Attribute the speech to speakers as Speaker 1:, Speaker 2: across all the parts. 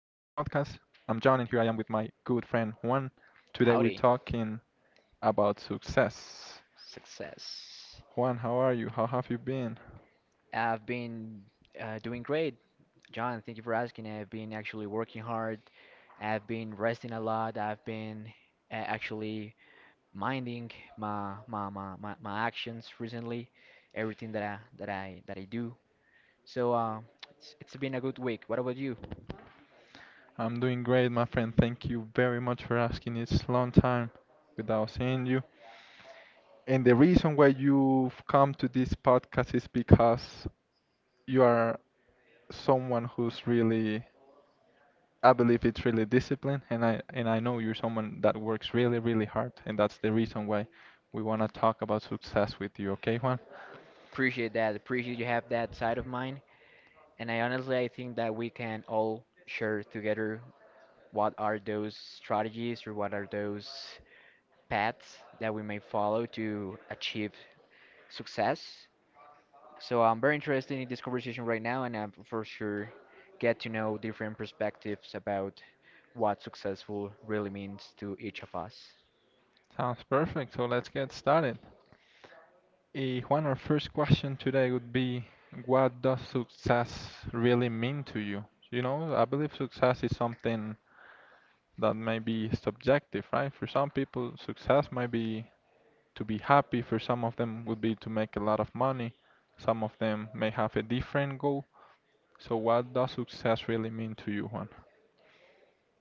Speaker 1: I'm John, and here I am with my good friend Juan. Today, we're
Speaker 2: Howdy.
Speaker 1: talking about success.
Speaker 2: Success.
Speaker 1: Juan, how are you? How have you been?
Speaker 2: I've been doing great, John. Thank you for asking. I've been actually working hard. I've been resting a lot. I've been actually minding my actions recently, everything that I do. So it's been a good week. What about you?
Speaker 1: I'm doing great, my friend. Thank you very much for asking. It's long time without seeing you. And the reason why you've come to this podcast is because you are someone who's really, I believe it's really discipline, and I know you're someone that works really, really hard, and that's the reason why we want to talk about success with you. Okay, Juan?
Speaker 2: Appreciate that. Appreciate you have that side of mine. And I honestly I think that we can all share together what are those strategies or what are those paths that we may follow to achieve success. So I'm very interested in this conversation right now, and I'm for sure get to know different perspectives about what successful really means to each of us.
Speaker 1: Sounds perfect. So let's get started. Juan, our first question today would be, what does success really mean to you? You know, I believe success is something that may be subjective, right? For some people, success might be to be happy. For some of them, would be to make a lot of money. Some of them may have a different goal. So, what does success really mean to you, Juan?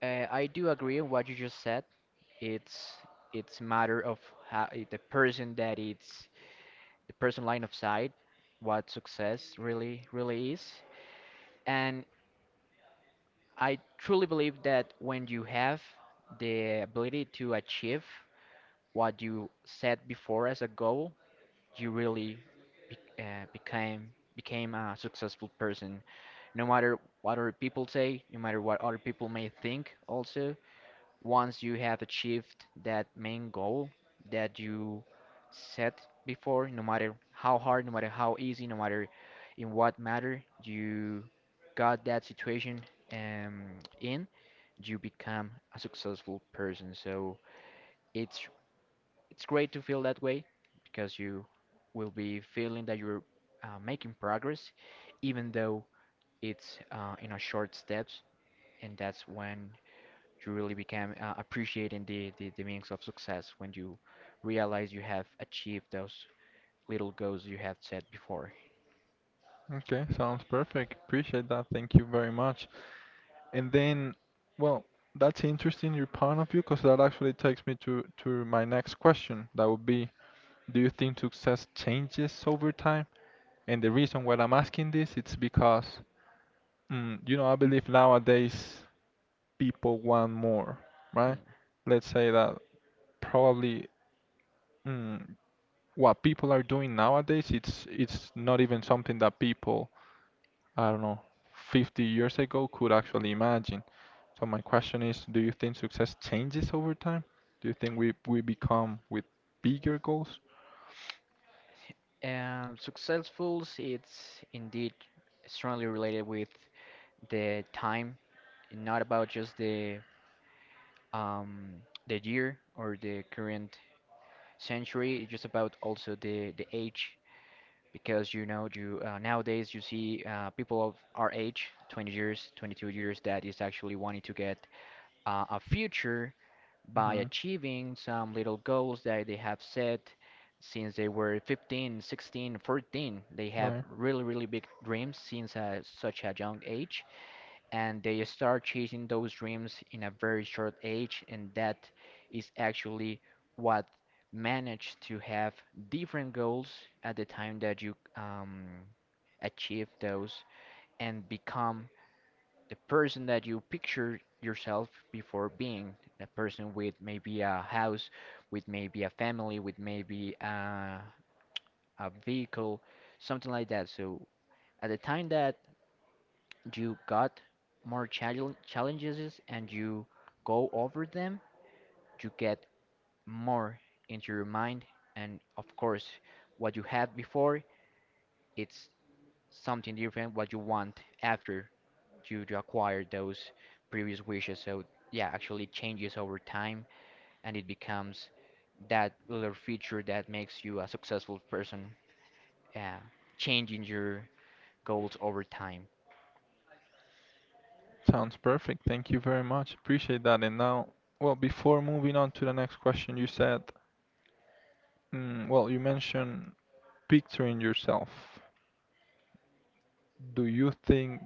Speaker 2: I do agree on what you just said. It's it's matter of how, the person that it's the person line of sight, what success really is, and I truly believe that when you have the ability to achieve what you set before as a goal, you really be, became a successful person. No matter what other people say, no matter what other people may think, also, once you have achieved that main goal that you set before, no matter how hard, no matter how easy, no matter in what matter, you got that situation um, in, you become a successful person. So it's it's great to feel that way because you will be feeling that you're making progress, even though it's in a short steps, and that's when you really become appreciating the meanings of success when you realize you have achieved those little goals you have set before.
Speaker 1: Okay, sounds perfect. Appreciate that. Thank you very much. And then, well, that's interesting your point of view because that actually takes me to my next question. That would be, do you think success changes over time? And the reason why I'm asking this, it's because, you know, I believe nowadays people want more, right?
Speaker 2: Hmm.
Speaker 1: Let's say that probably, mm, what people are doing nowadays, it's not even something that people, I don't know, 50 years ago could actually imagine. So my question is, do you think success changes over time? Do you think we become with bigger goals?
Speaker 2: Successful, it's indeed strongly related with the time, not about just um, the year or the current century. It's just about also the age because you know you nowadays you see people of our age, 20 years, 22 years, that is actually wanting to get a future by
Speaker 1: hmm
Speaker 2: achieving some little goals that they have set since they were 15, 16, 14. They have
Speaker 1: Right.
Speaker 2: really big dreams since such a young age and they start chasing those dreams in a very short age and that is actually what managed to have different goals at the time that you achieve those and become the person that you picture yourself before being a person with maybe a house with maybe a family with maybe a vehicle something like that so at the time that you got more challenges and you go over them, you get more into your mind. And of course, what you had before, it's something different what you want after you acquire those previous wishes. So yeah, actually it changes over time and it becomes that little feature that makes you a successful person, uh, changing your goals over time.
Speaker 1: Sounds perfect. Thank you very much. Appreciate that. And now, well, before moving on to the next question, you said, well, you mentioned picturing yourself. Do you think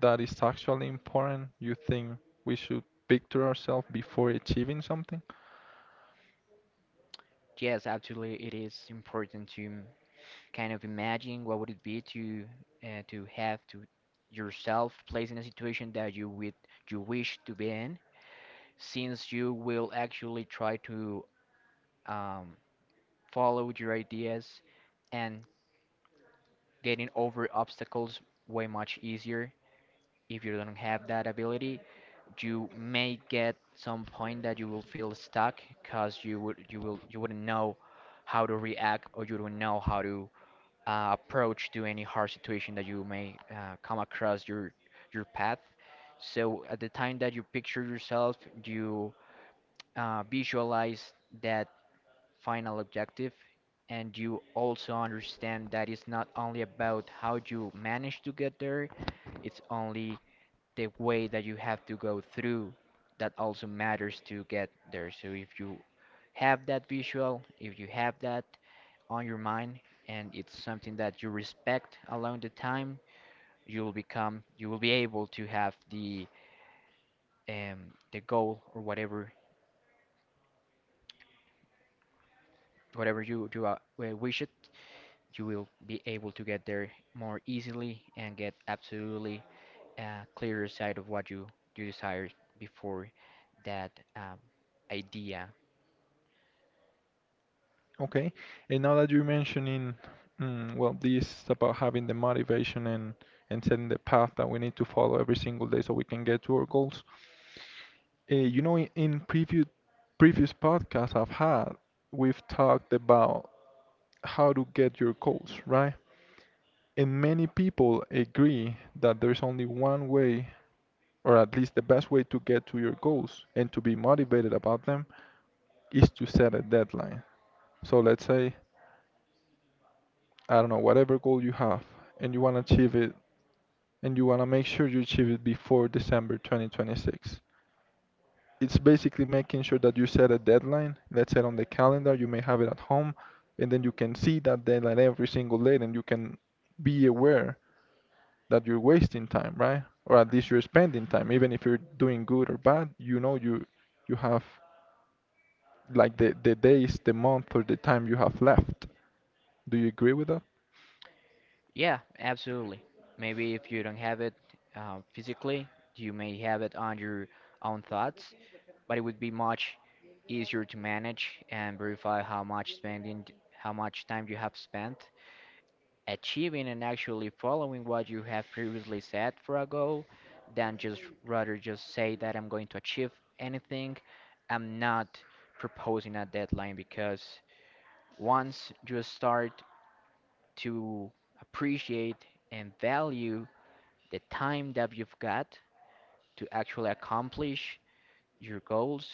Speaker 1: that is actually important? You think we should picture ourselves before achieving something?
Speaker 2: Yes, absolutely, it is important to kind of imagine what would it be to have to yourself placed in a situation that you wish to be in, since you will actually try to um, follow your ideas and getting over obstacles way much easier. If you don't have that ability, you may get some point that you will feel stuck because you wouldn't know how to react or you don't know how to approach to any hard situation that you may come across your path. So at the time that you picture yourself, you visualize that final objective, and you also understand that it's not only about how you manage to get there, it's only the way that you have to go through that also matters to get there. So if you have that visual, if you have that, on your mind and it's something that you respect along the time, you will be able to have the goal or whatever you do wish it, you will be able to get there more easily and get absolutely a clearer sight of what you desire before that idea.
Speaker 1: Okay. And now that you're mentioning, well, this about having the motivation and setting the path that we need to follow every single day so we can get to our goals. You know, in previous podcasts I've had, we've talked about how to get your goals, right? And many people agree that there's only one way, or at least the best way to get to your goals and to be motivated about them, is to set a deadline. So let's say, I don't know, whatever goal you have and you want to achieve it and you want to make sure you achieve it before December 2026. It's basically making sure that you set a deadline, let's say on the calendar, you may have it at home, and then you can see that deadline every single day and you can be aware that you're wasting time, right? Or at least you're spending time, even if you're doing good or bad, you know you you have like the days, the month, or the time you have left. Do you agree with that?
Speaker 2: Yeah, absolutely. Maybe if you don't have it physically, you may have it on your own thoughts but it would be much easier to manage and verify how much spending, how much time you have spent achieving and actually following what you have previously set for a goal than just rather just say that I'm going to achieve anything. I'm not proposing a deadline because once you start to appreciate and value the time that you've got to actually accomplish your goals,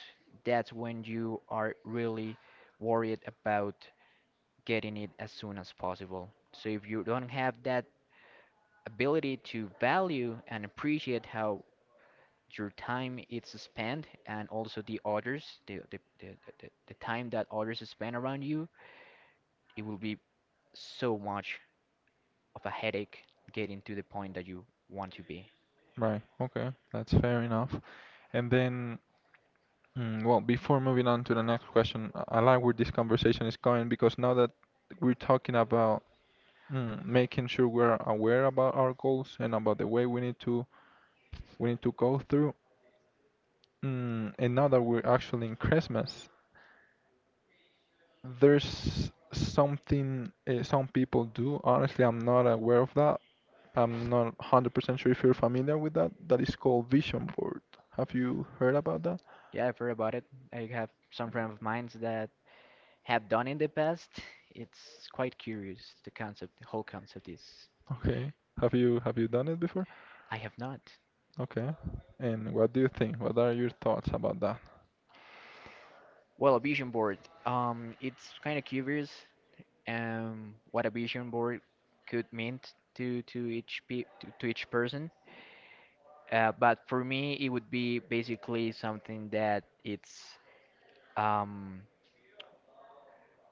Speaker 2: that's when you are really worried about getting it as soon as possible. So if you don't have that ability to value and appreciate how your time is spent and also the others, the time that others spend around you, it will be so much of a headache getting to the point that you want to be.
Speaker 1: Right. Okay, that's fair enough. And then, well, before moving on to the next question, I like where this conversation is going because now that we're talking about, making sure we're aware about our goals and about the way we need to go through, and now that we're actually in Christmas, there's something some people do. Honestly, I'm not aware of that, I'm not 100% sure if you're familiar with that. That is called vision board. Have you heard about that?
Speaker 2: Yeah, I've heard about it. I have some friends of mine that have done in the past, it's quite curious. The concept, the whole concept is.
Speaker 1: Okay. Have you done it before?
Speaker 2: I have not.
Speaker 1: Okay. And what do you think? What are your thoughts about that?
Speaker 2: Well, a vision board. It's kind of curious. What a vision board could mean to each to each person. But for me, it would be basically something that it's um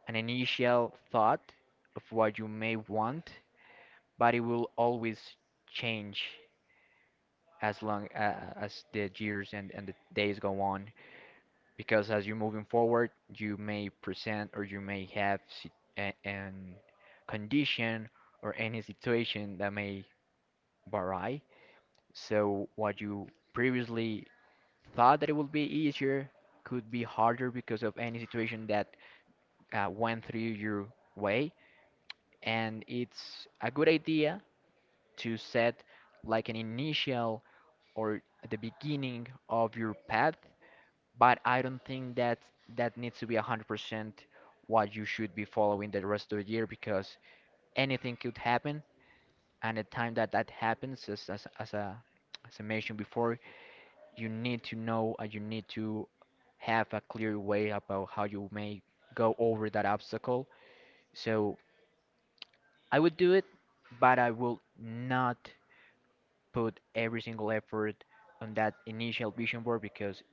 Speaker 2: an initial thought of what you may want, but it will always change as long as the years and the days go on. Because as you're moving forward, you may present or you may have an condition or any situation that may vary. So what you previously thought that it would be easier could be harder because of any situation that went through your way. And it's a good idea to set like an initial or at the beginning of your path but I don't think that that needs to be 100% what you should be following the rest of the year because anything could happen. And the time that that happens, as I mentioned before, you need to know and you need to have a clear way about how you may go over that obstacle. So I would do it, but I will not put every single effort on that initial vision board because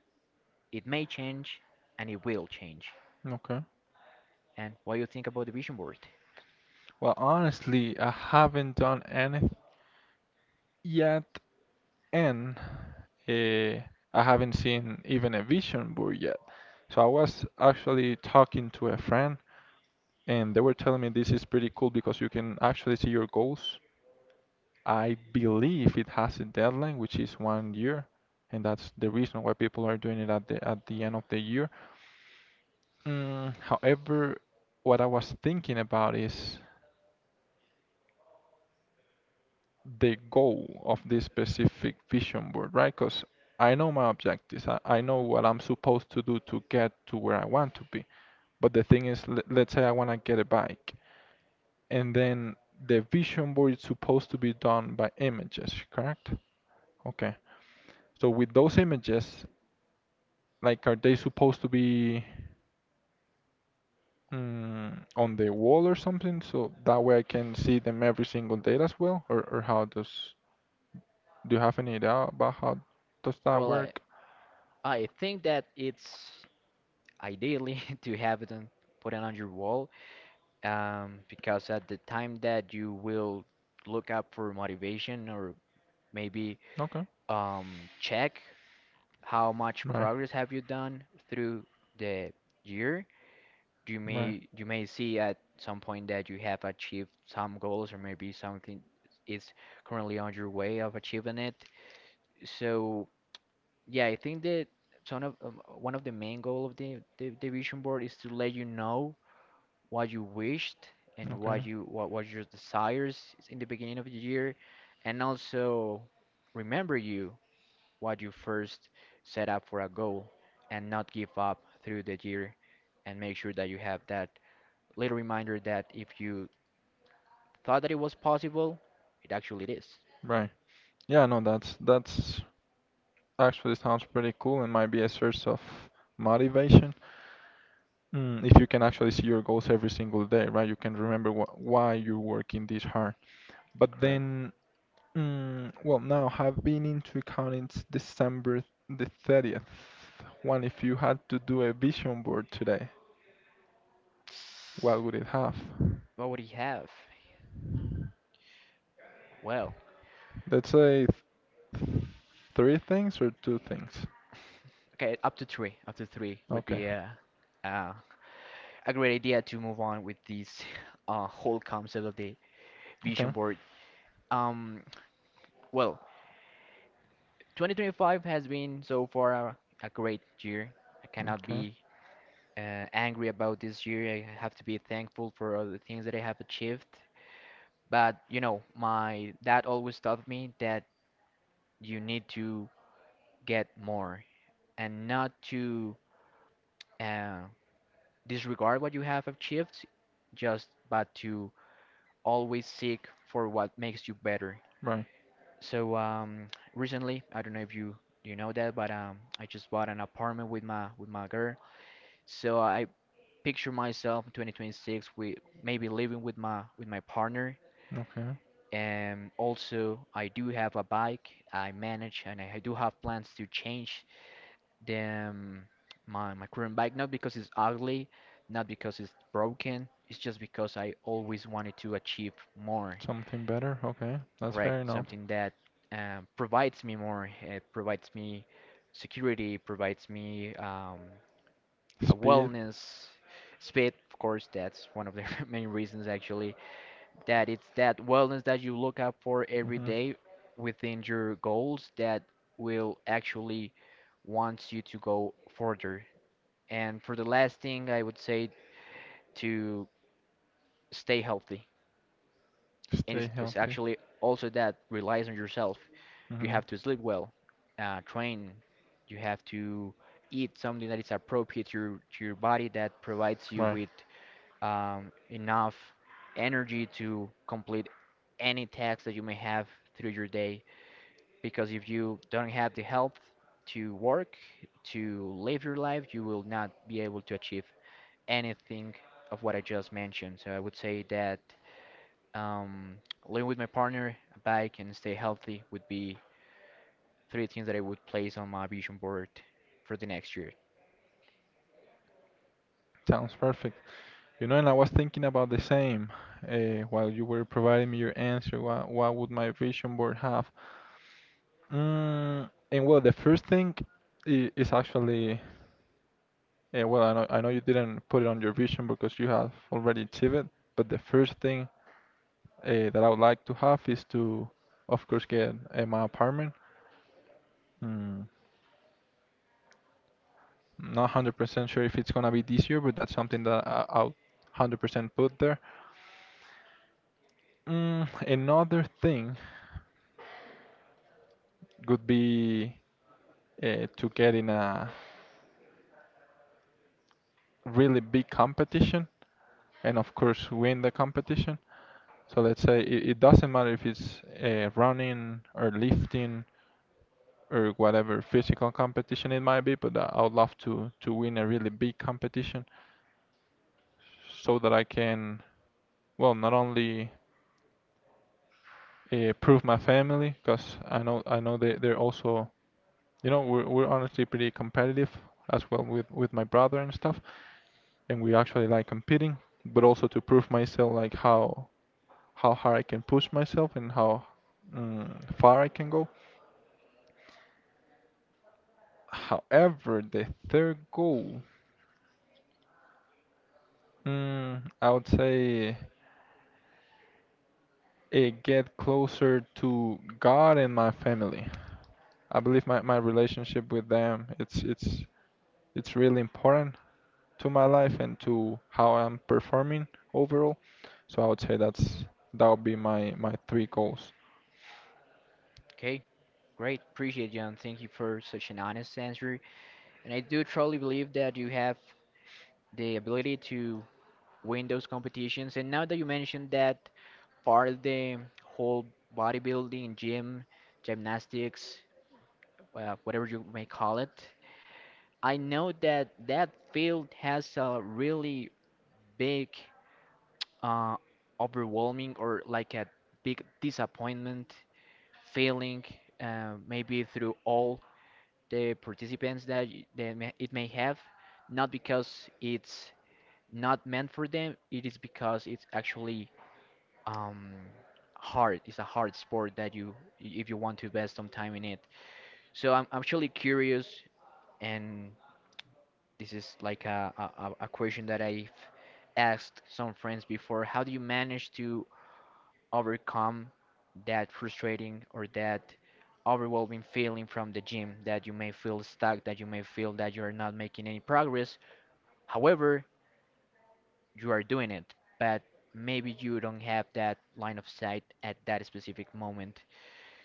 Speaker 2: it may change and it will change.
Speaker 1: Okay.
Speaker 2: And what do you think about the vision board?
Speaker 1: Well, honestly, I haven't done anything yet, and uh, I haven't seen even a vision board yet. So I was actually talking to a friend, and they were telling me this is pretty cool because you can actually see your goals. I believe it has a deadline, which is 1 year, and that's the reason why people are doing it at the end of the year. However, what I was thinking about is the goal of this specific vision board, right? Because I know my objectives. I know what I'm supposed to do to get to where I want to be. But the thing is, let's say I want to get a bike, and then the vision board is supposed to be done by images, correct? Okay. So with those images, like, are they supposed to be, on the wall or something? So that way I can see them every single day as well? Or how does, do you have any idea about how does that
Speaker 2: Well,
Speaker 1: work?
Speaker 2: I think that it's ideally to have it on, put it on your wall, because at the time that you will look up for motivation or maybe
Speaker 1: Okay.
Speaker 2: check how much
Speaker 1: Right.
Speaker 2: progress have you done through the year,
Speaker 1: Right.
Speaker 2: you may see at some point that you have achieved some goals or maybe something is currently on your way of achieving it. So yeah, I think that one of the main goal of the vision board is to let you know what you wished and
Speaker 1: Okay.
Speaker 2: what was your desires in the beginning of the year, and also remember you what you first set up for a goal and not give up through the year, and make sure that you have that little reminder that if you thought that it was possible, it actually is.
Speaker 1: Right. Yeah, no, that's actually sounds pretty cool and might be a source of motivation. If you can actually see your goals every single day, right? You can remember wh why you're working this hard. But
Speaker 2: Correct.
Speaker 1: then, well, now I've been into accounting since December the 30th. Juan, if you had to do a vision board today, what would it have?
Speaker 2: What would he have? Well.
Speaker 1: Let's say th- three things or two things.
Speaker 2: Okay, up to three. Up to three would
Speaker 1: Okay.
Speaker 2: be uh, a great idea to move on with this whole concept of the vision
Speaker 1: Okay.
Speaker 2: board. Um, well, 2025 has been so far a great year. I cannot
Speaker 1: Okay.
Speaker 2: be angry about this year. I have to be thankful for all the things that I have achieved. But you know, my dad always taught me that you need to get more and not to uh, disregard what you have achieved, just but to always seek for what makes you better.
Speaker 1: Right.
Speaker 2: So recently, I don't know if you know that, but I just bought an apartment with my girl. So I picture myself in 2026 with maybe living with my partner.
Speaker 1: Okay.
Speaker 2: And also, I do have a bike. I manage, and I do have plans to change the um, my my current bike. Not because it's ugly, not because it's broken. It's just because I always wanted to achieve more.
Speaker 1: Something better. Okay. That's fair
Speaker 2: Correct.
Speaker 1: enough.
Speaker 2: Something that provides me more. It provides me security, provides me a
Speaker 1: Speed.
Speaker 2: wellness. Speed, of course, that's one of the main reasons actually. That it's that wellness that you look out for every
Speaker 1: hmm
Speaker 2: day within your goals that will actually wants you to go further. And for the last thing, I would say to stay healthy. And
Speaker 1: Stay
Speaker 2: it's
Speaker 1: healthy.
Speaker 2: actually also that relies on yourself. You
Speaker 1: hmm
Speaker 2: have to sleep well, train. You have to eat something that is appropriate to your body that provides you
Speaker 1: Right.
Speaker 2: with enough energy to complete any tasks that you may have through your day. Because if you don't have the health to work, to live your life, you will not be able to achieve anything of what I just mentioned. So I would say that um, living with my partner, a bike, and stay healthy would be three things that I would place on my vision board for the next year.
Speaker 1: Sounds perfect. You know, and I was thinking about the same, while you were providing me your answer. What would my vision board have? And well, the first thing is actually, well, I know you didn't put it on your vision because you have already achieved it, but the first thing that I would like to have is to, of course, get my apartment. Mm, Not 100% sure if it's gonna be this year, but that's something that I'll 100% put there. Another thing would be to get in a really big competition and, of course, win the competition. So let's say it doesn't matter if it's running or lifting or whatever physical competition it might be, but I would love to win a really big competition so that I can, well, not only prove my family, because I know they they're also, you know, we're honestly pretty competitive as well with my brother and stuff. And we actually like competing, but also to prove myself like how hard I can push myself and how, far I can go. However, the third goal, I would say it get closer to God and my family. I believe my relationship with them it's it's really important to my life and to how I'm performing overall. So I would say that's that would be my three goals.
Speaker 2: Okay, great. Appreciate you, and thank you for such an honest answer. And I do truly believe that you have the ability to win those competitions. And now that you mentioned that part of the whole bodybuilding, gym, gymnastics, whatever you may call it, I know that that field has a really big uh, overwhelming or like a big disappointment failing maybe through all the participants that they may, it may have, not because it's not meant for them, it is because it's actually um, hard. It's a hard sport that you, if you want to invest some time in it. So I'm actually curious, and this is like a question that I've asked some friends before. How do you manage to overcome that frustrating or that overwhelming feeling from the gym that you may feel stuck, that you may feel that you are not making any progress. However, you are doing it, but maybe you don't have that line of sight at that specific moment.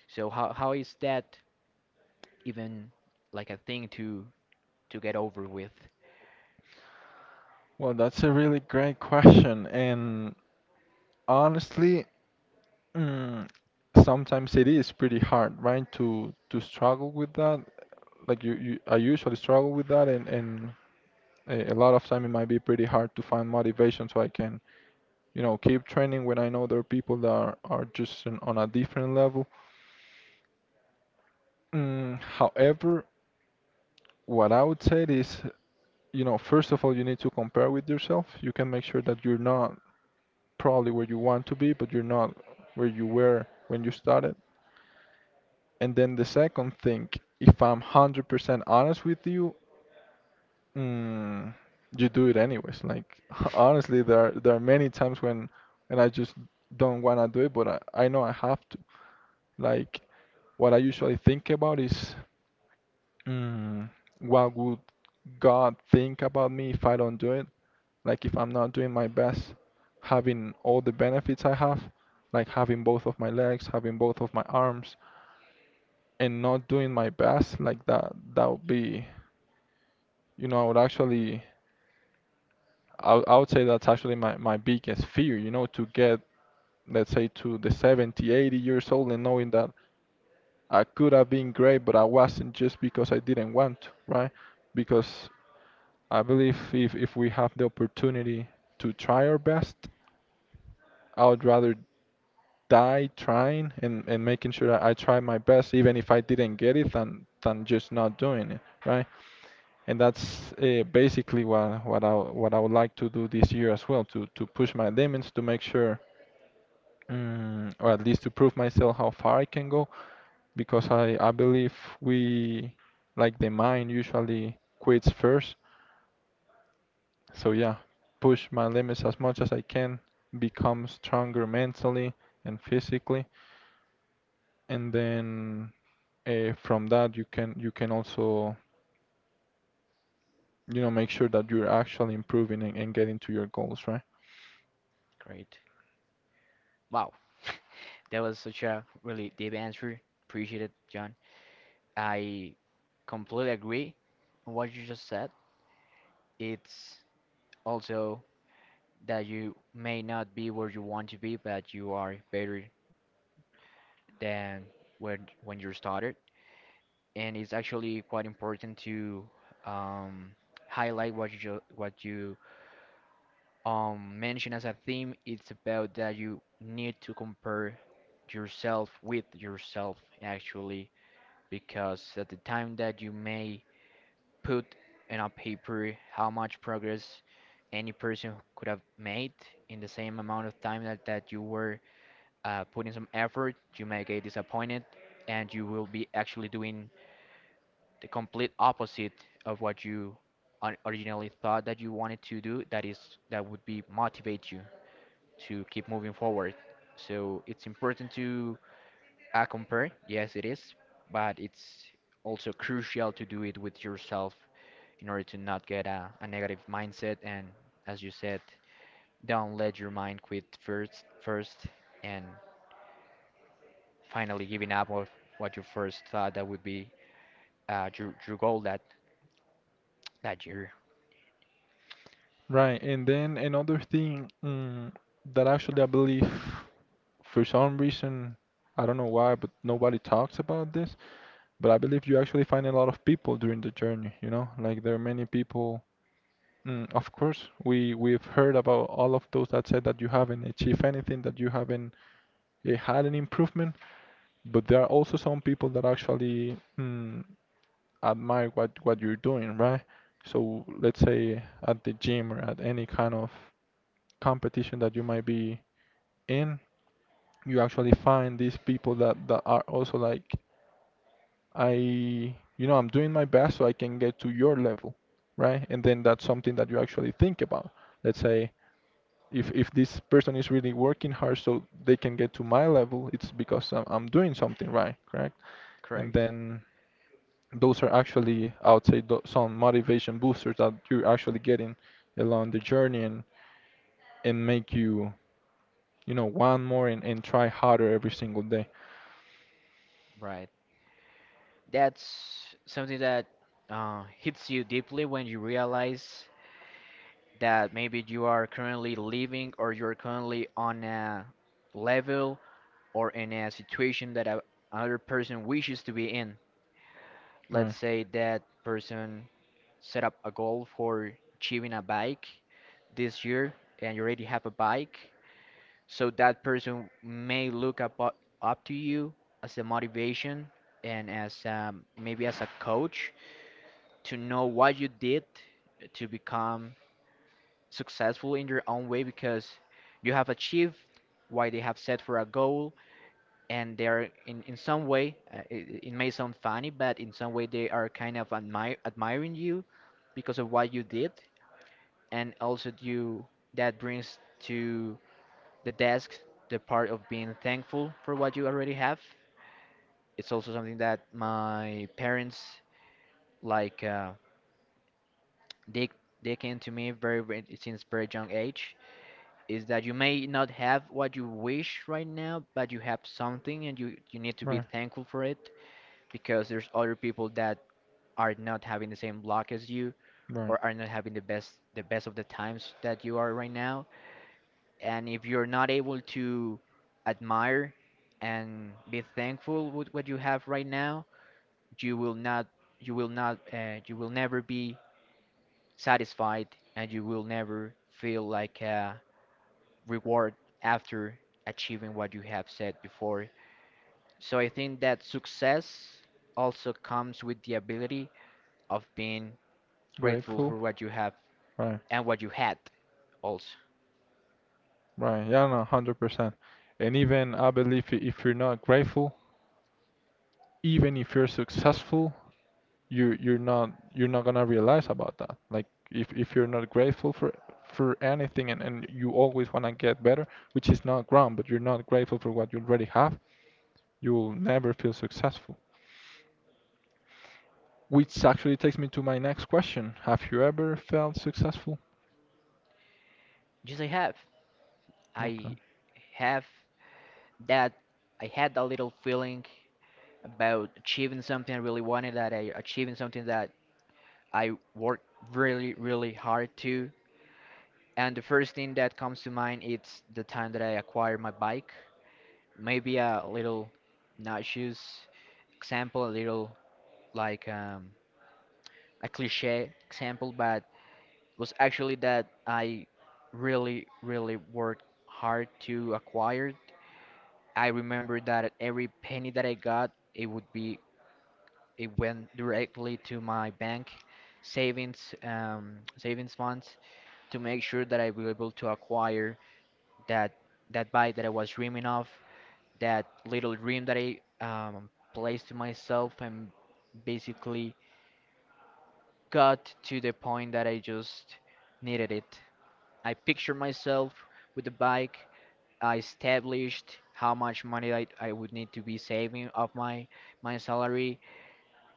Speaker 2: So how is that even like a thing to get over with?
Speaker 1: Well, that's a really great question. And honestly, mm, sometimes it is pretty hard, right? To struggle with that. Like you, I usually struggle with that, and a lot of time it might be pretty hard to find motivation so I can, you know, keep training when I know there are people that are just on a different level. However, what I would say is, you know, first of all, you need to compare with yourself. You can make sure that you're not probably where you want to be, but you're not where you were when you started. And then the second thing, if I'm 100% honest with you, mm, you do it anyways. Like honestly, there are many times when I just don't want to do it, but I know I have to. Like what I usually think about is, Mm, what would God think about me if I don't do it? Like if I'm not doing my best, having all the benefits I have, like having both of my legs, having both of my arms, and not doing my best, like that, that would be, you know, I would actually, I would say that's actually my biggest fear, you know, to get, let's say, to the 70, 80 years old and knowing that I could have been great, but I wasn't just because I didn't want to, right? Because I believe if we have the opportunity to try our best, I would rather die trying and, making sure that I try my best, even if I didn't get it, than just not doing it, right? And that's basically what I would like to do this year as well, to push my limits to make sure. Or at least to prove myself how far I can go, because I believe we, like the mind, usually quits first. So yeah, push my limits as much as I can, become stronger mentally and physically, and then from that you can also make sure that you're actually improving and getting to your goals, right?
Speaker 2: Great. Wow. That was such a really deep answer. Appreciate it, John. I completely agree on what you just said. It's also, that you may not be where you want to be, but you are better than when you started. And it's actually quite important to um, highlight what you what you mentioned as a theme. It's about that you need to compare yourself with yourself actually, because at the time that you may put in a paper how much progress any person could have made in the same amount of time that you were putting some effort, you may get disappointed, and you will be actually doing the complete opposite of what you originally thought that you wanted to do. That is, that would be motivate you to keep moving forward. So it's important to compare. Yes, it is, but it's also crucial to do it with yourself in order to not get a negative mindset. And as you said, don't let your mind quit first. First, and finally giving up of what you first thought that would be your goal that, that year,
Speaker 1: Right, and then another thing that actually I believe for some reason, I don't know why, but nobody talks about this, but I believe you actually find a lot of people during the journey, you know? Like there are many people, of course, we've heard about all of those that said that you haven't achieved anything, that you haven't had an improvement, but there are also some people that actually admire what you're doing, right? So let's say at the gym or at any kind of competition that you might be in, you actually find these people that, that are also like, I, you know, I'm doing my best so I can get to your level, right? And then that's something that you actually think about. Let's say if this person is really working hard so they can get to my level, it's because I'm doing something right, correct? And
Speaker 2: correct?
Speaker 1: then those are actually, I would say, some motivation boosters that you're actually getting along the journey and make you, you know, want more and try harder every single day.
Speaker 2: Right. That's something that hits you deeply when you realize that maybe you are currently living or you're currently on a level or in a situation that another person wishes to be in.
Speaker 1: Right.
Speaker 2: Let's say that person set up a goal for achieving a bike this year and you already have a bike. So that person may look up up to you as a motivation and as maybe as a coach to know what you did to become successful in your own way because you have achieved what they have set for a goal and they're in some way it may sound funny but in some way they are kind of admiring you because of what you did and also you, that brings to the desk, the part of being thankful for what you already have. It's also something that my parents like dig dig into me since very young age. Is that you may not have what you wish right now, but you have something and you need to be
Speaker 1: Right.
Speaker 2: thankful for it because there's other people that are not having the same luck as you
Speaker 1: Right.
Speaker 2: or are not having the best of the times that you are right now. And if you're not able to admire and be thankful with what you have right now, you will not, you will not you will never be satisfied and you will never feel like a reward after achieving what you have said before. So I think that success also comes with the ability of being grateful
Speaker 1: Grateful.
Speaker 2: for what you have
Speaker 1: Right.
Speaker 2: and what you had also.
Speaker 1: Right. Yeah, no, 100%. And even I believe if you're not grateful, even if you're successful, you're not gonna realize about that. Like if you're not grateful for anything and you always wanna get better, which is not wrong, but you're not grateful for what you already have, you will never feel successful. Which actually takes me to my next question. Have you ever felt successful?
Speaker 2: just i have
Speaker 1: Okay.
Speaker 2: i have that, I had that little feeling about achieving something I really wanted, that I achieving something that I worked really, really hard to. And the first thing that comes to mind is the time that I acquired my bike. Maybe a little nauseous example, a little like a cliche example, but was actually that I really, really worked hard to acquire it. I remember that every penny that I got, it would be it went directly to my bank savings, savings funds to make sure that I will able to acquire that that bike that I was dreaming of, that little dream that I placed to myself, and basically got to the point that I just needed it. I pictured myself with the bike. I established how much money I would need to be saving of my salary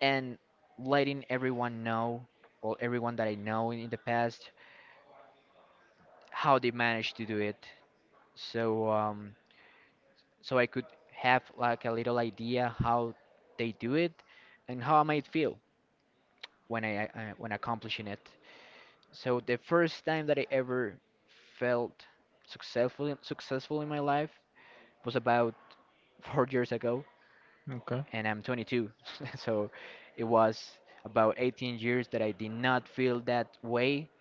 Speaker 2: and letting everyone know, or everyone that I know in the past, how they managed to do it. So so I could have like a little idea how they do it and how I might feel when I when accomplishing it. So the first time that I ever felt successful in my life was about 4 years ago,
Speaker 1: Okay.
Speaker 2: and I'm 22. So it was about 18 years that I did not feel that way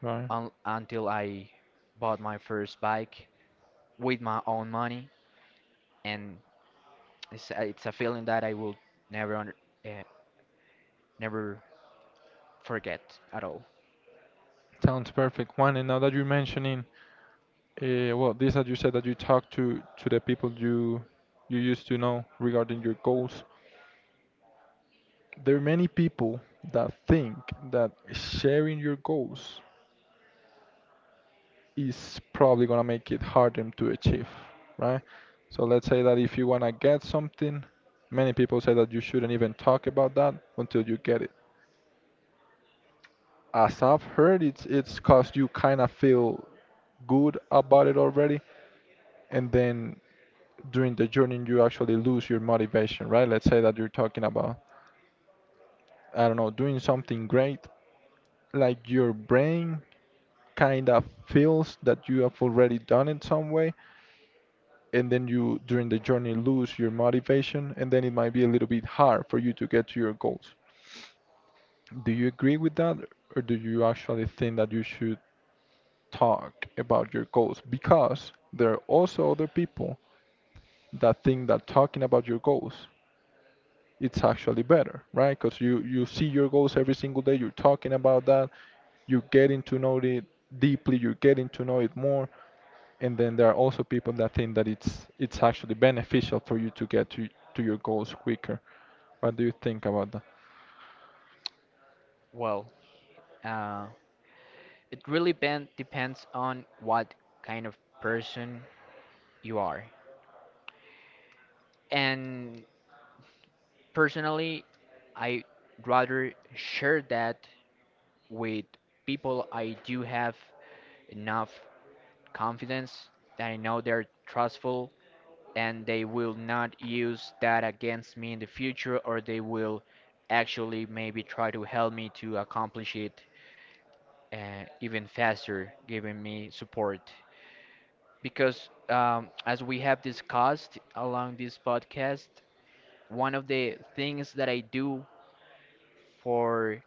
Speaker 1: Right.
Speaker 2: until I bought my first bike with my own money, and it's a feeling that I will never under, uh, never forget at all.
Speaker 1: Sounds perfect. One, and now that you're mentioning, well, this that you said that you talk to the people you used to know regarding your goals. There are many people that think that sharing your goals is probably gonna make it harder to achieve, right? So let's say that if you wanna get something, many people say that you shouldn't even talk about that until you get it as I've heard, it's cause you kind of feel good about it already, and then during the journey you actually lose your motivation, right? Let's say that you're talking about, I don't know, doing something great, like your brain kind of feels that you have already done it some way, and then you during the journey lose your motivation, and then it might be a little bit hard for you to get to your goals. Do you agree with that, or do you actually think that you should talk about your goals because there are also other people that think that talking about your goals it's actually better, right? Because you see your goals every single day. You're talking about that. You're getting to know it deeply. You're getting to know it more. And then there are also people that think that it's actually beneficial for you to get to your goals quicker. What do you think about that?
Speaker 2: Well, uh, it really depends on what kind of person you are, and personally, I rather share that with people I do have enough confidence that I know they're trustful and they will not use that against me in the future, or they will actually maybe try to help me to accomplish it even faster giving me support because as we have discussed along this podcast, one of the things that I do for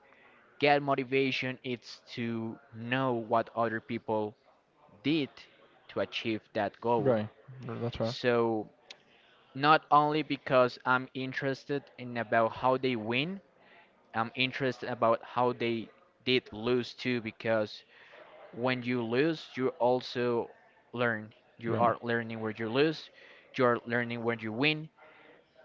Speaker 2: get motivation is to know what other people did to achieve that goal.
Speaker 1: Right. That's right.
Speaker 2: So not only because I'm interested in about how they win, I'm interested about how they did lose too, because when you lose, you also learn. You
Speaker 1: Right.
Speaker 2: are learning where you lose, you are learning when you win,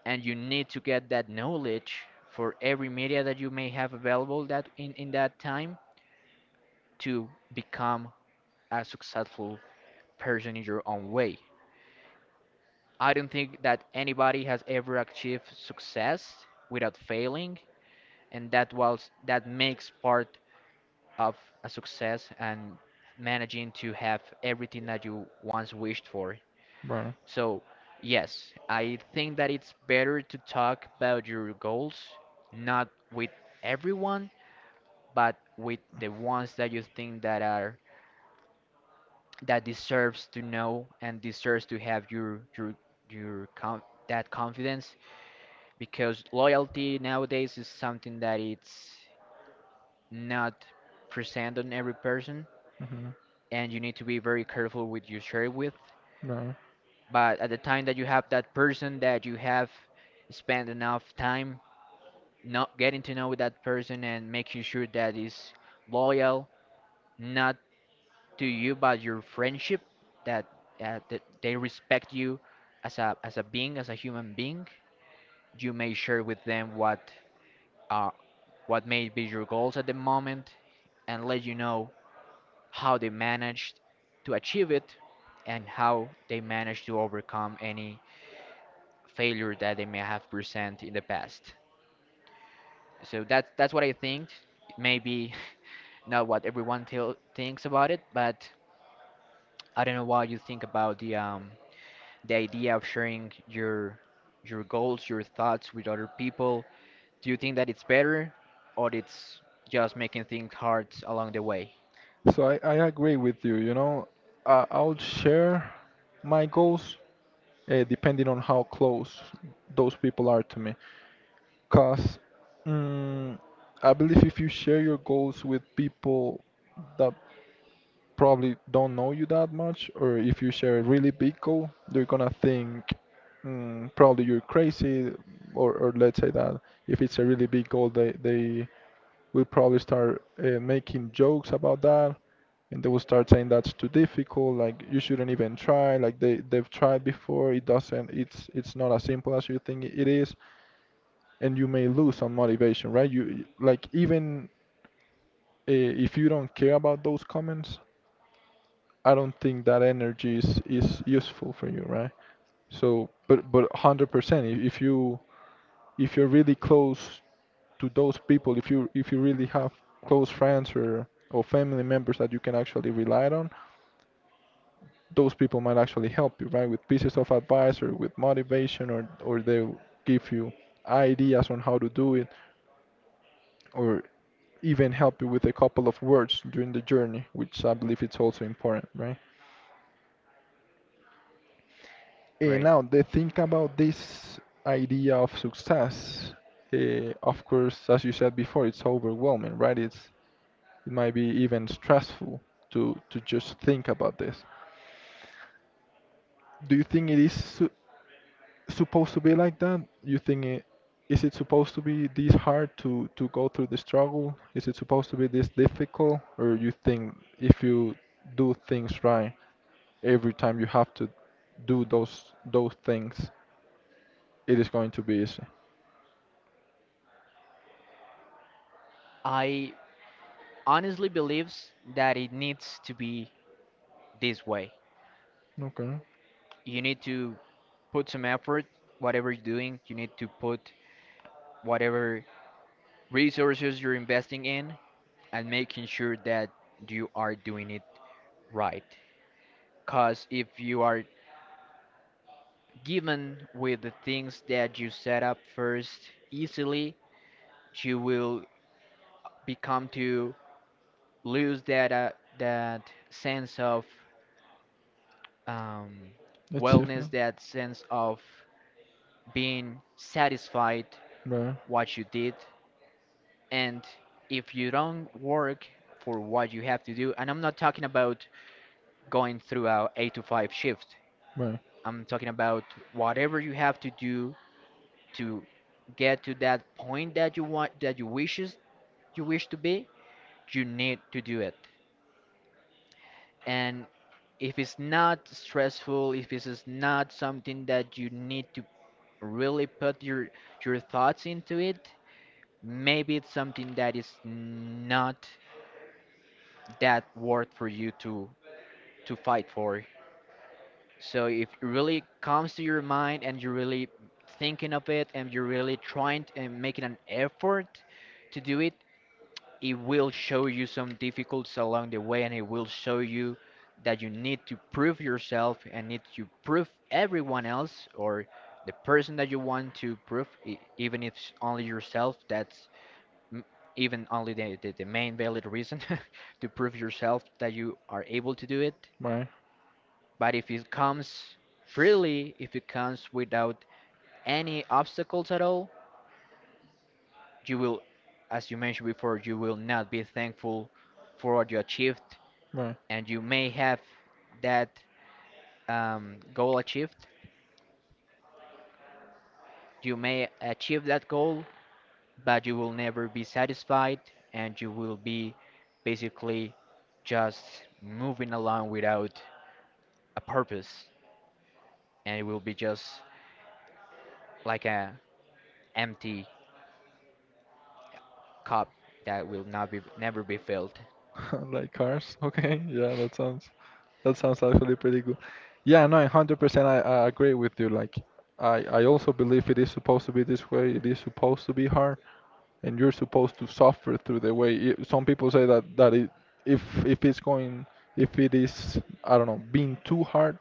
Speaker 2: and you need to get that knowledge for every media that you may have available that in that time to become a successful person in your own way. I don't think that anybody has ever achieved success without failing, and that was, that makes part of a success and managing to have everything that you once wished for.
Speaker 1: Right.
Speaker 2: So, yes, I think that it's better to talk about your goals, not with everyone, but with the ones that you think that are, that deserves to know and deserves to have your that confidence because loyalty nowadays is something that it's not present on every person
Speaker 1: Hmm.
Speaker 2: and you need to be very careful with you share it with.
Speaker 1: Right.
Speaker 2: But at the time that you have that person that you have spent enough time not getting to know with that person and making sure that is loyal, not to you but your friendship, that that they respect you as a being, as a human being, you may share with them uh, what may be your goals at the moment and let you know how they managed to achieve it, and how they managed to overcome any failure that they may have present in the past. So that's what I think. Maybe not what everyone tell thinks about it, but I don't know what you think about the idea of sharing your goals, your thoughts with other people. Do you think that it's better, or it's just making things hard along the way?
Speaker 1: So I agree with you. You know, I'll share my goals depending on how close those people are to me. Because mm, I believe if you share your goals with people that probably don't know you that much, or if you share a really big goal, they're gonna think probably you're crazy, or let's say that if it's a really big goal, they will probably start making jokes about that, and they will start saying that's too difficult, like you shouldn't even try, like they've tried before, it doesn't, it's not as simple as you think it is, and you may lose some motivation, right? You like even if you don't care about those comments I don't think that energy is useful for you, right? So, but 100%, if you if you're really close to those people, if you really have close friends or family members that you can actually rely on, those people might actually help you, right? With pieces of advice or with motivation or they'll give you ideas on how to do it or even help you with a couple of words during the journey, which I believe it's also important, right? And
Speaker 2: Great.
Speaker 1: now the thing about this idea of success, of course, as you said before, it's overwhelming, right? It's it might be even stressful to just think about this. Do you think it is su supposed to be like that? You think it is it supposed to be this hard to go through the struggle? Is it supposed to be this difficult? Or you think if you do things right, every time you have to do those things, it is going to be easy.
Speaker 2: I honestly believes that it needs to be this way.
Speaker 1: Okay.
Speaker 2: You need to put some effort, whatever you're doing, you need to put whatever resources you're investing in and making sure that you are doing it right. Because if you are given with the things that you set up first easily, you will become to lose that sense of um, wellness,
Speaker 1: Achievement.
Speaker 2: that sense of being satisfied
Speaker 1: Right.
Speaker 2: what you did. And if you don't work for what you have to do, and I'm not talking about going through a 8 to 5 shift,
Speaker 1: Right.
Speaker 2: I'm talking about whatever you have to do to get to that point that you want, that you wish to be. You need to do it. And if it's not stressful, if this is not something that you need to really put your thoughts into it, maybe it's something that is not that worth for you to fight for. So if it really comes to your mind and you're really thinking of it and you're really trying to, and making an effort to do it, it will show you some difficulties along the way, and it will show you that you need to prove yourself and need to prove everyone else or the person that you want to prove, even if it's only yourself m- even only the main valid reason to prove yourself that you are able to do it.
Speaker 1: Right.
Speaker 2: But if it comes freely, if it comes without any obstacles at all, you will, as you mentioned before, you will not be thankful for what you achieved,
Speaker 1: Right.
Speaker 2: and you may have that goal achieved. You may achieve that goal, but you will never be satisfied, and you will be basically just moving along without a purpose, and it will be just like a empty cup that will not be never be filled.
Speaker 1: Like cars. Okay. Yeah, that sounds actually pretty good. Yeah, no, 100% I agree with you. Like I also believe it is supposed to be this way. It is supposed to be hard and you're supposed to suffer through the way. It, some people say that it, if it's going if it is I don't know, being too hard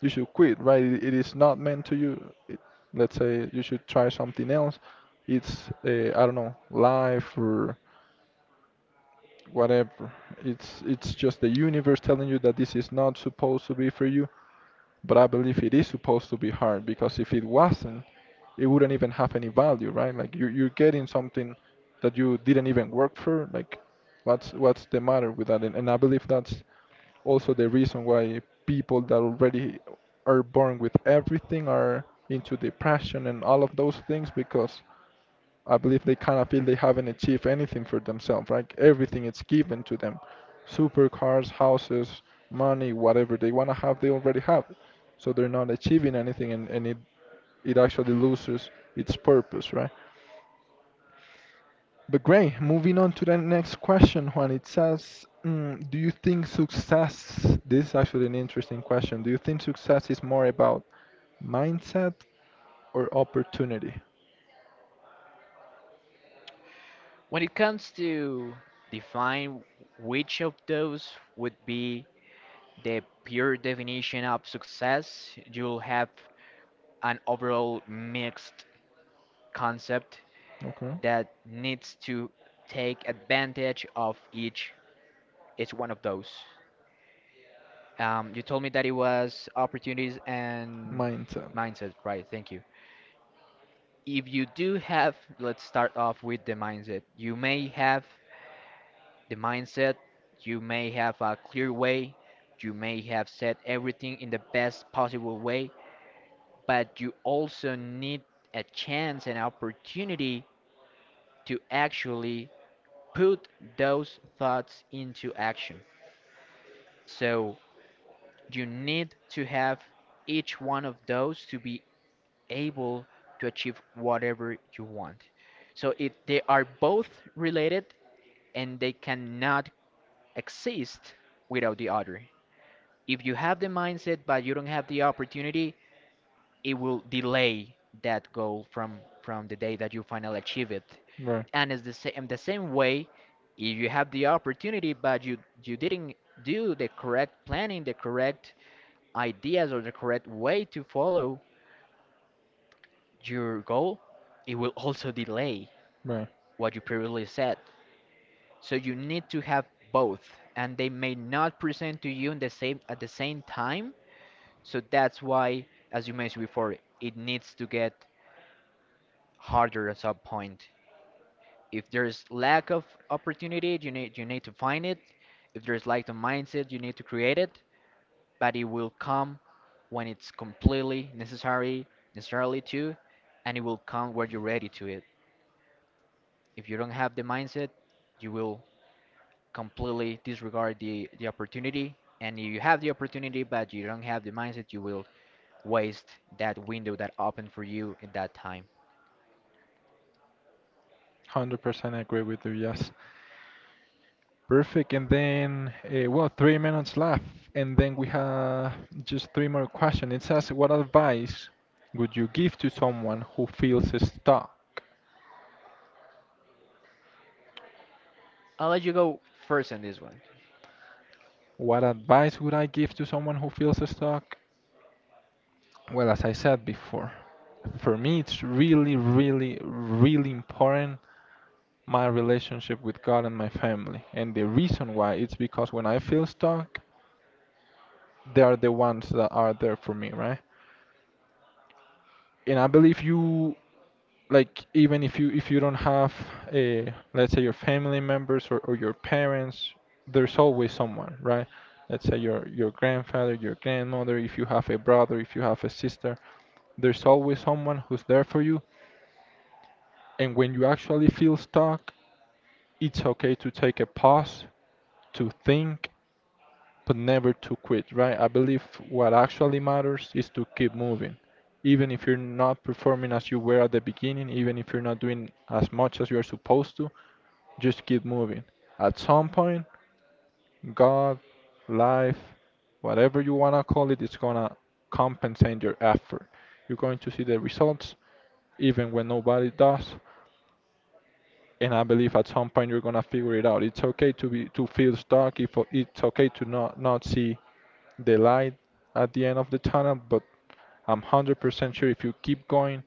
Speaker 1: you should quit, right? It is not meant to you. It, let's say you should try something else. It's I don't know, life or whatever. It's just the universe telling you that this is not supposed to be for you, but I believe it is supposed to be hard because if it wasn't, it wouldn't even have any value, right? Like you you're getting something that you didn't even work for. Like what's the matter with that? And I believe that's also the reason why people that already are born with everything are into depression and all of those things because I believe they kind of feel they haven't achieved anything for themselves, right? Everything is given to them. Supercars, houses, money, whatever they want to have, they already have. It. So they're not achieving anything and it actually loses its purpose, right? But great, moving on to the next question, Juan. It says, do you think success, this is actually an interesting question, do you think success is more about mindset or opportunity?
Speaker 2: When it comes to define which of those would be the pure definition of success, you'll have an overall mixed concept
Speaker 1: Okay.
Speaker 2: that needs to take advantage of each one of those. You told me that it was opportunities and
Speaker 1: Mindset.
Speaker 2: mindset, right? Thank you. If you do have, let's start off with the mindset. You may have the mindset, you may have a clear way, you may have said everything in the best possible way, but you also need a chance and opportunity to actually put those thoughts into action. So you need to have each one of those to be able to achieve whatever you want. So it they are both related, and they cannot exist without the other. If you have the mindset but you don't have the opportunity, it will delay that goal from the day that you finally achieve it.
Speaker 1: Right,
Speaker 2: And it's the same way if you have the opportunity but you didn't do the correct planning, the correct ideas or the correct way to follow your goal, it will also delay
Speaker 1: right.
Speaker 2: what you previously said. So you need to have both, and they may not present to you in the same at the same time. So that's why, as you mentioned before, it needs to get harder at some point. If there's lack of opportunity, you need to find it. If there's lack of mindset, you need to create it. But it will come when it's completely necessary, necessarily too, and it will come when you're ready to it. If you don't have the mindset, you will completely disregard the opportunity. And if you have the opportunity, but you don't have the mindset, you will waste that window that opened for you in that time.
Speaker 1: 100% agree with you, yes. Perfect. And then, well, 3 minutes left. And then we have just three more questions. It says, what advice would you give to someone who feels stuck?
Speaker 2: I'll let you go first on this one.
Speaker 1: What advice would I give to someone who feels stuck? Well, as I said before, for me, it's really, really, really important my relationship with God and my family. And the reason why it's because when I feel stuck, they are the ones that are there for me, right? And I believe you like even if you don't have a let's say your family members or your parents, there's always someone, right? Let's say your grandfather, your grandmother, if you have a brother, if you have a sister, there's always someone who's there for you. And when you actually feel stuck, it's okay to take a pause, to think, but never to quit, right? I believe what actually matters is to keep moving. Even if you're not performing as you were at the beginning, even if you're not doing as much as you're supposed to, just keep moving. At some point, God, life, whatever you want to call it, it's going to compensate your effort. You're going to see the results even when nobody does, and I believe at some point you're gonna figure it out. It's okay to be to feel stuck. If it's okay to not see the light at the end of the tunnel, but I'm 100% sure if you keep going,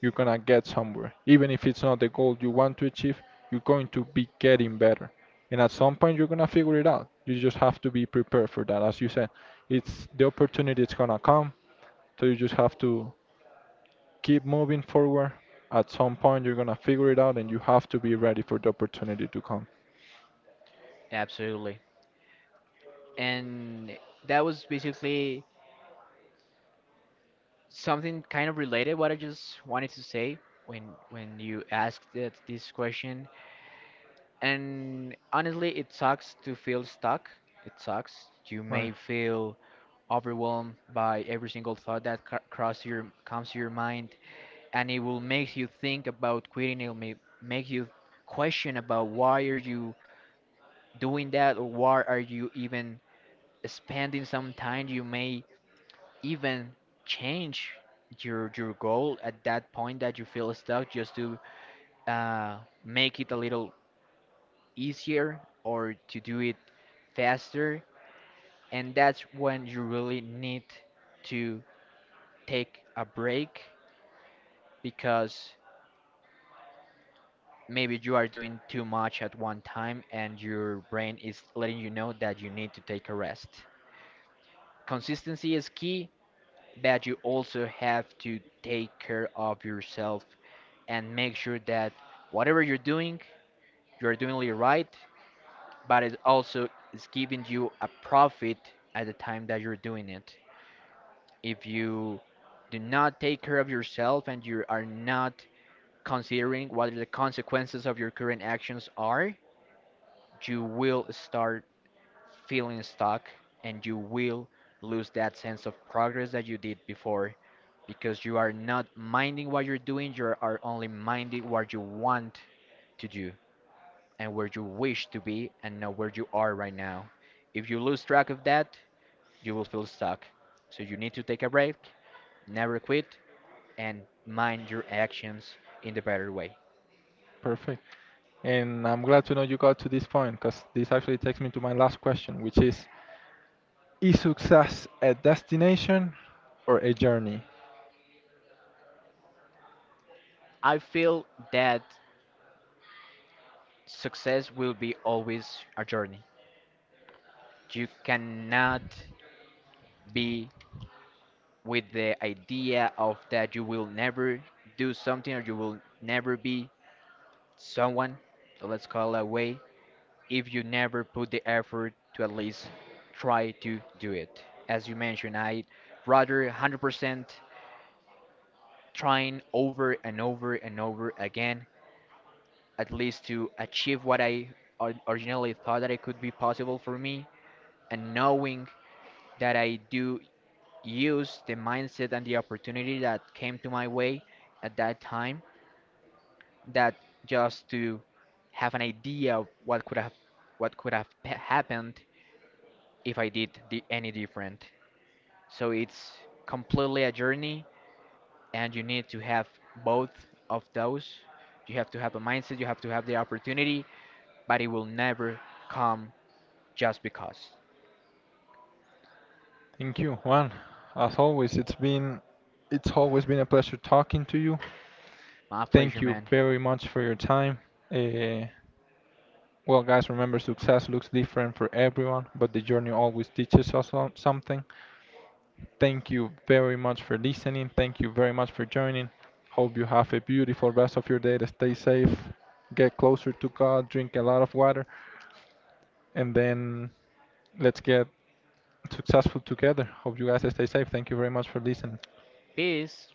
Speaker 1: you're gonna get somewhere. Even if it's not the goal you want to achieve, you're going to be getting better. And at some point, you're gonna figure it out. You just have to be prepared for that. As you said, it's the opportunity is gonna come, so you just have to keep moving forward. At some point, you're gonna figure it out, and you have to be ready for the opportunity to come.
Speaker 2: Absolutely. And that was basically something kind of related what I just wanted to say when when you asked this question. And honestly, it sucks to feel stuck. It sucks. You
Speaker 1: Right,
Speaker 2: may feel overwhelmed by every single thought that cr- cross your comes to your mind. And it will make you think about quitting. It'll make you question about why are you doing that or why are you even spending some time. You may even change your goal at that point that you feel stuck just to uh, make it a little easier or to do it faster. And that's when you really need to take a break, because maybe you are doing too much at one time and your brain is letting you know that you need to take a rest. Consistency is key, but you also have to take care of yourself and make sure that whatever you're doing it right, but it also is giving you a profit at the time that you're doing it. If you do not take care of yourself and you are not considering what the consequences of your current actions are, you will start feeling stuck and you will lose that sense of progress that you did before, because you are not minding what you're doing, you are only minding what you want to do and where you wish to be and not where you are right now. If you lose track of that, you will feel stuck. So you need to take a break, never quit, and mind your actions in the better way.
Speaker 1: perfect. And I'm glad to know you got to this point because this actually takes me to my last question, which is success a destination or a journey?
Speaker 2: I feel that success will be always a journey. You cannot be with the idea of that you will never do something or you will never be someone, so let's call it that way, if you never put the effort to at least try to do it. As you mentioned, I rather 100% trying over and over and over again, at least to achieve what I originally thought that it could be possible for me, and knowing that I do use the mindset and the opportunity that came to my way at that time, that just to have an idea of what could have happened if I did any different. So it's completely a journey, and you need to have both of those. You have to have a mindset. You have to have the opportunity, but it will never come just because.
Speaker 1: Thank you, Juan. As always, it's always been a pleasure talking to you.
Speaker 2: My pleasure,
Speaker 1: Thank you
Speaker 2: man.
Speaker 1: very much for your time. Uh, well, guys, remember success looks different for everyone, but the journey always teaches us something. Thank you very much for listening. Thank you very much for joining. Hope you have a beautiful rest of your day. Stay safe, get closer to God, drink a lot of water, and then let's get successful together. Hope you guys stay safe. Thank you very much for listening.
Speaker 2: Peace.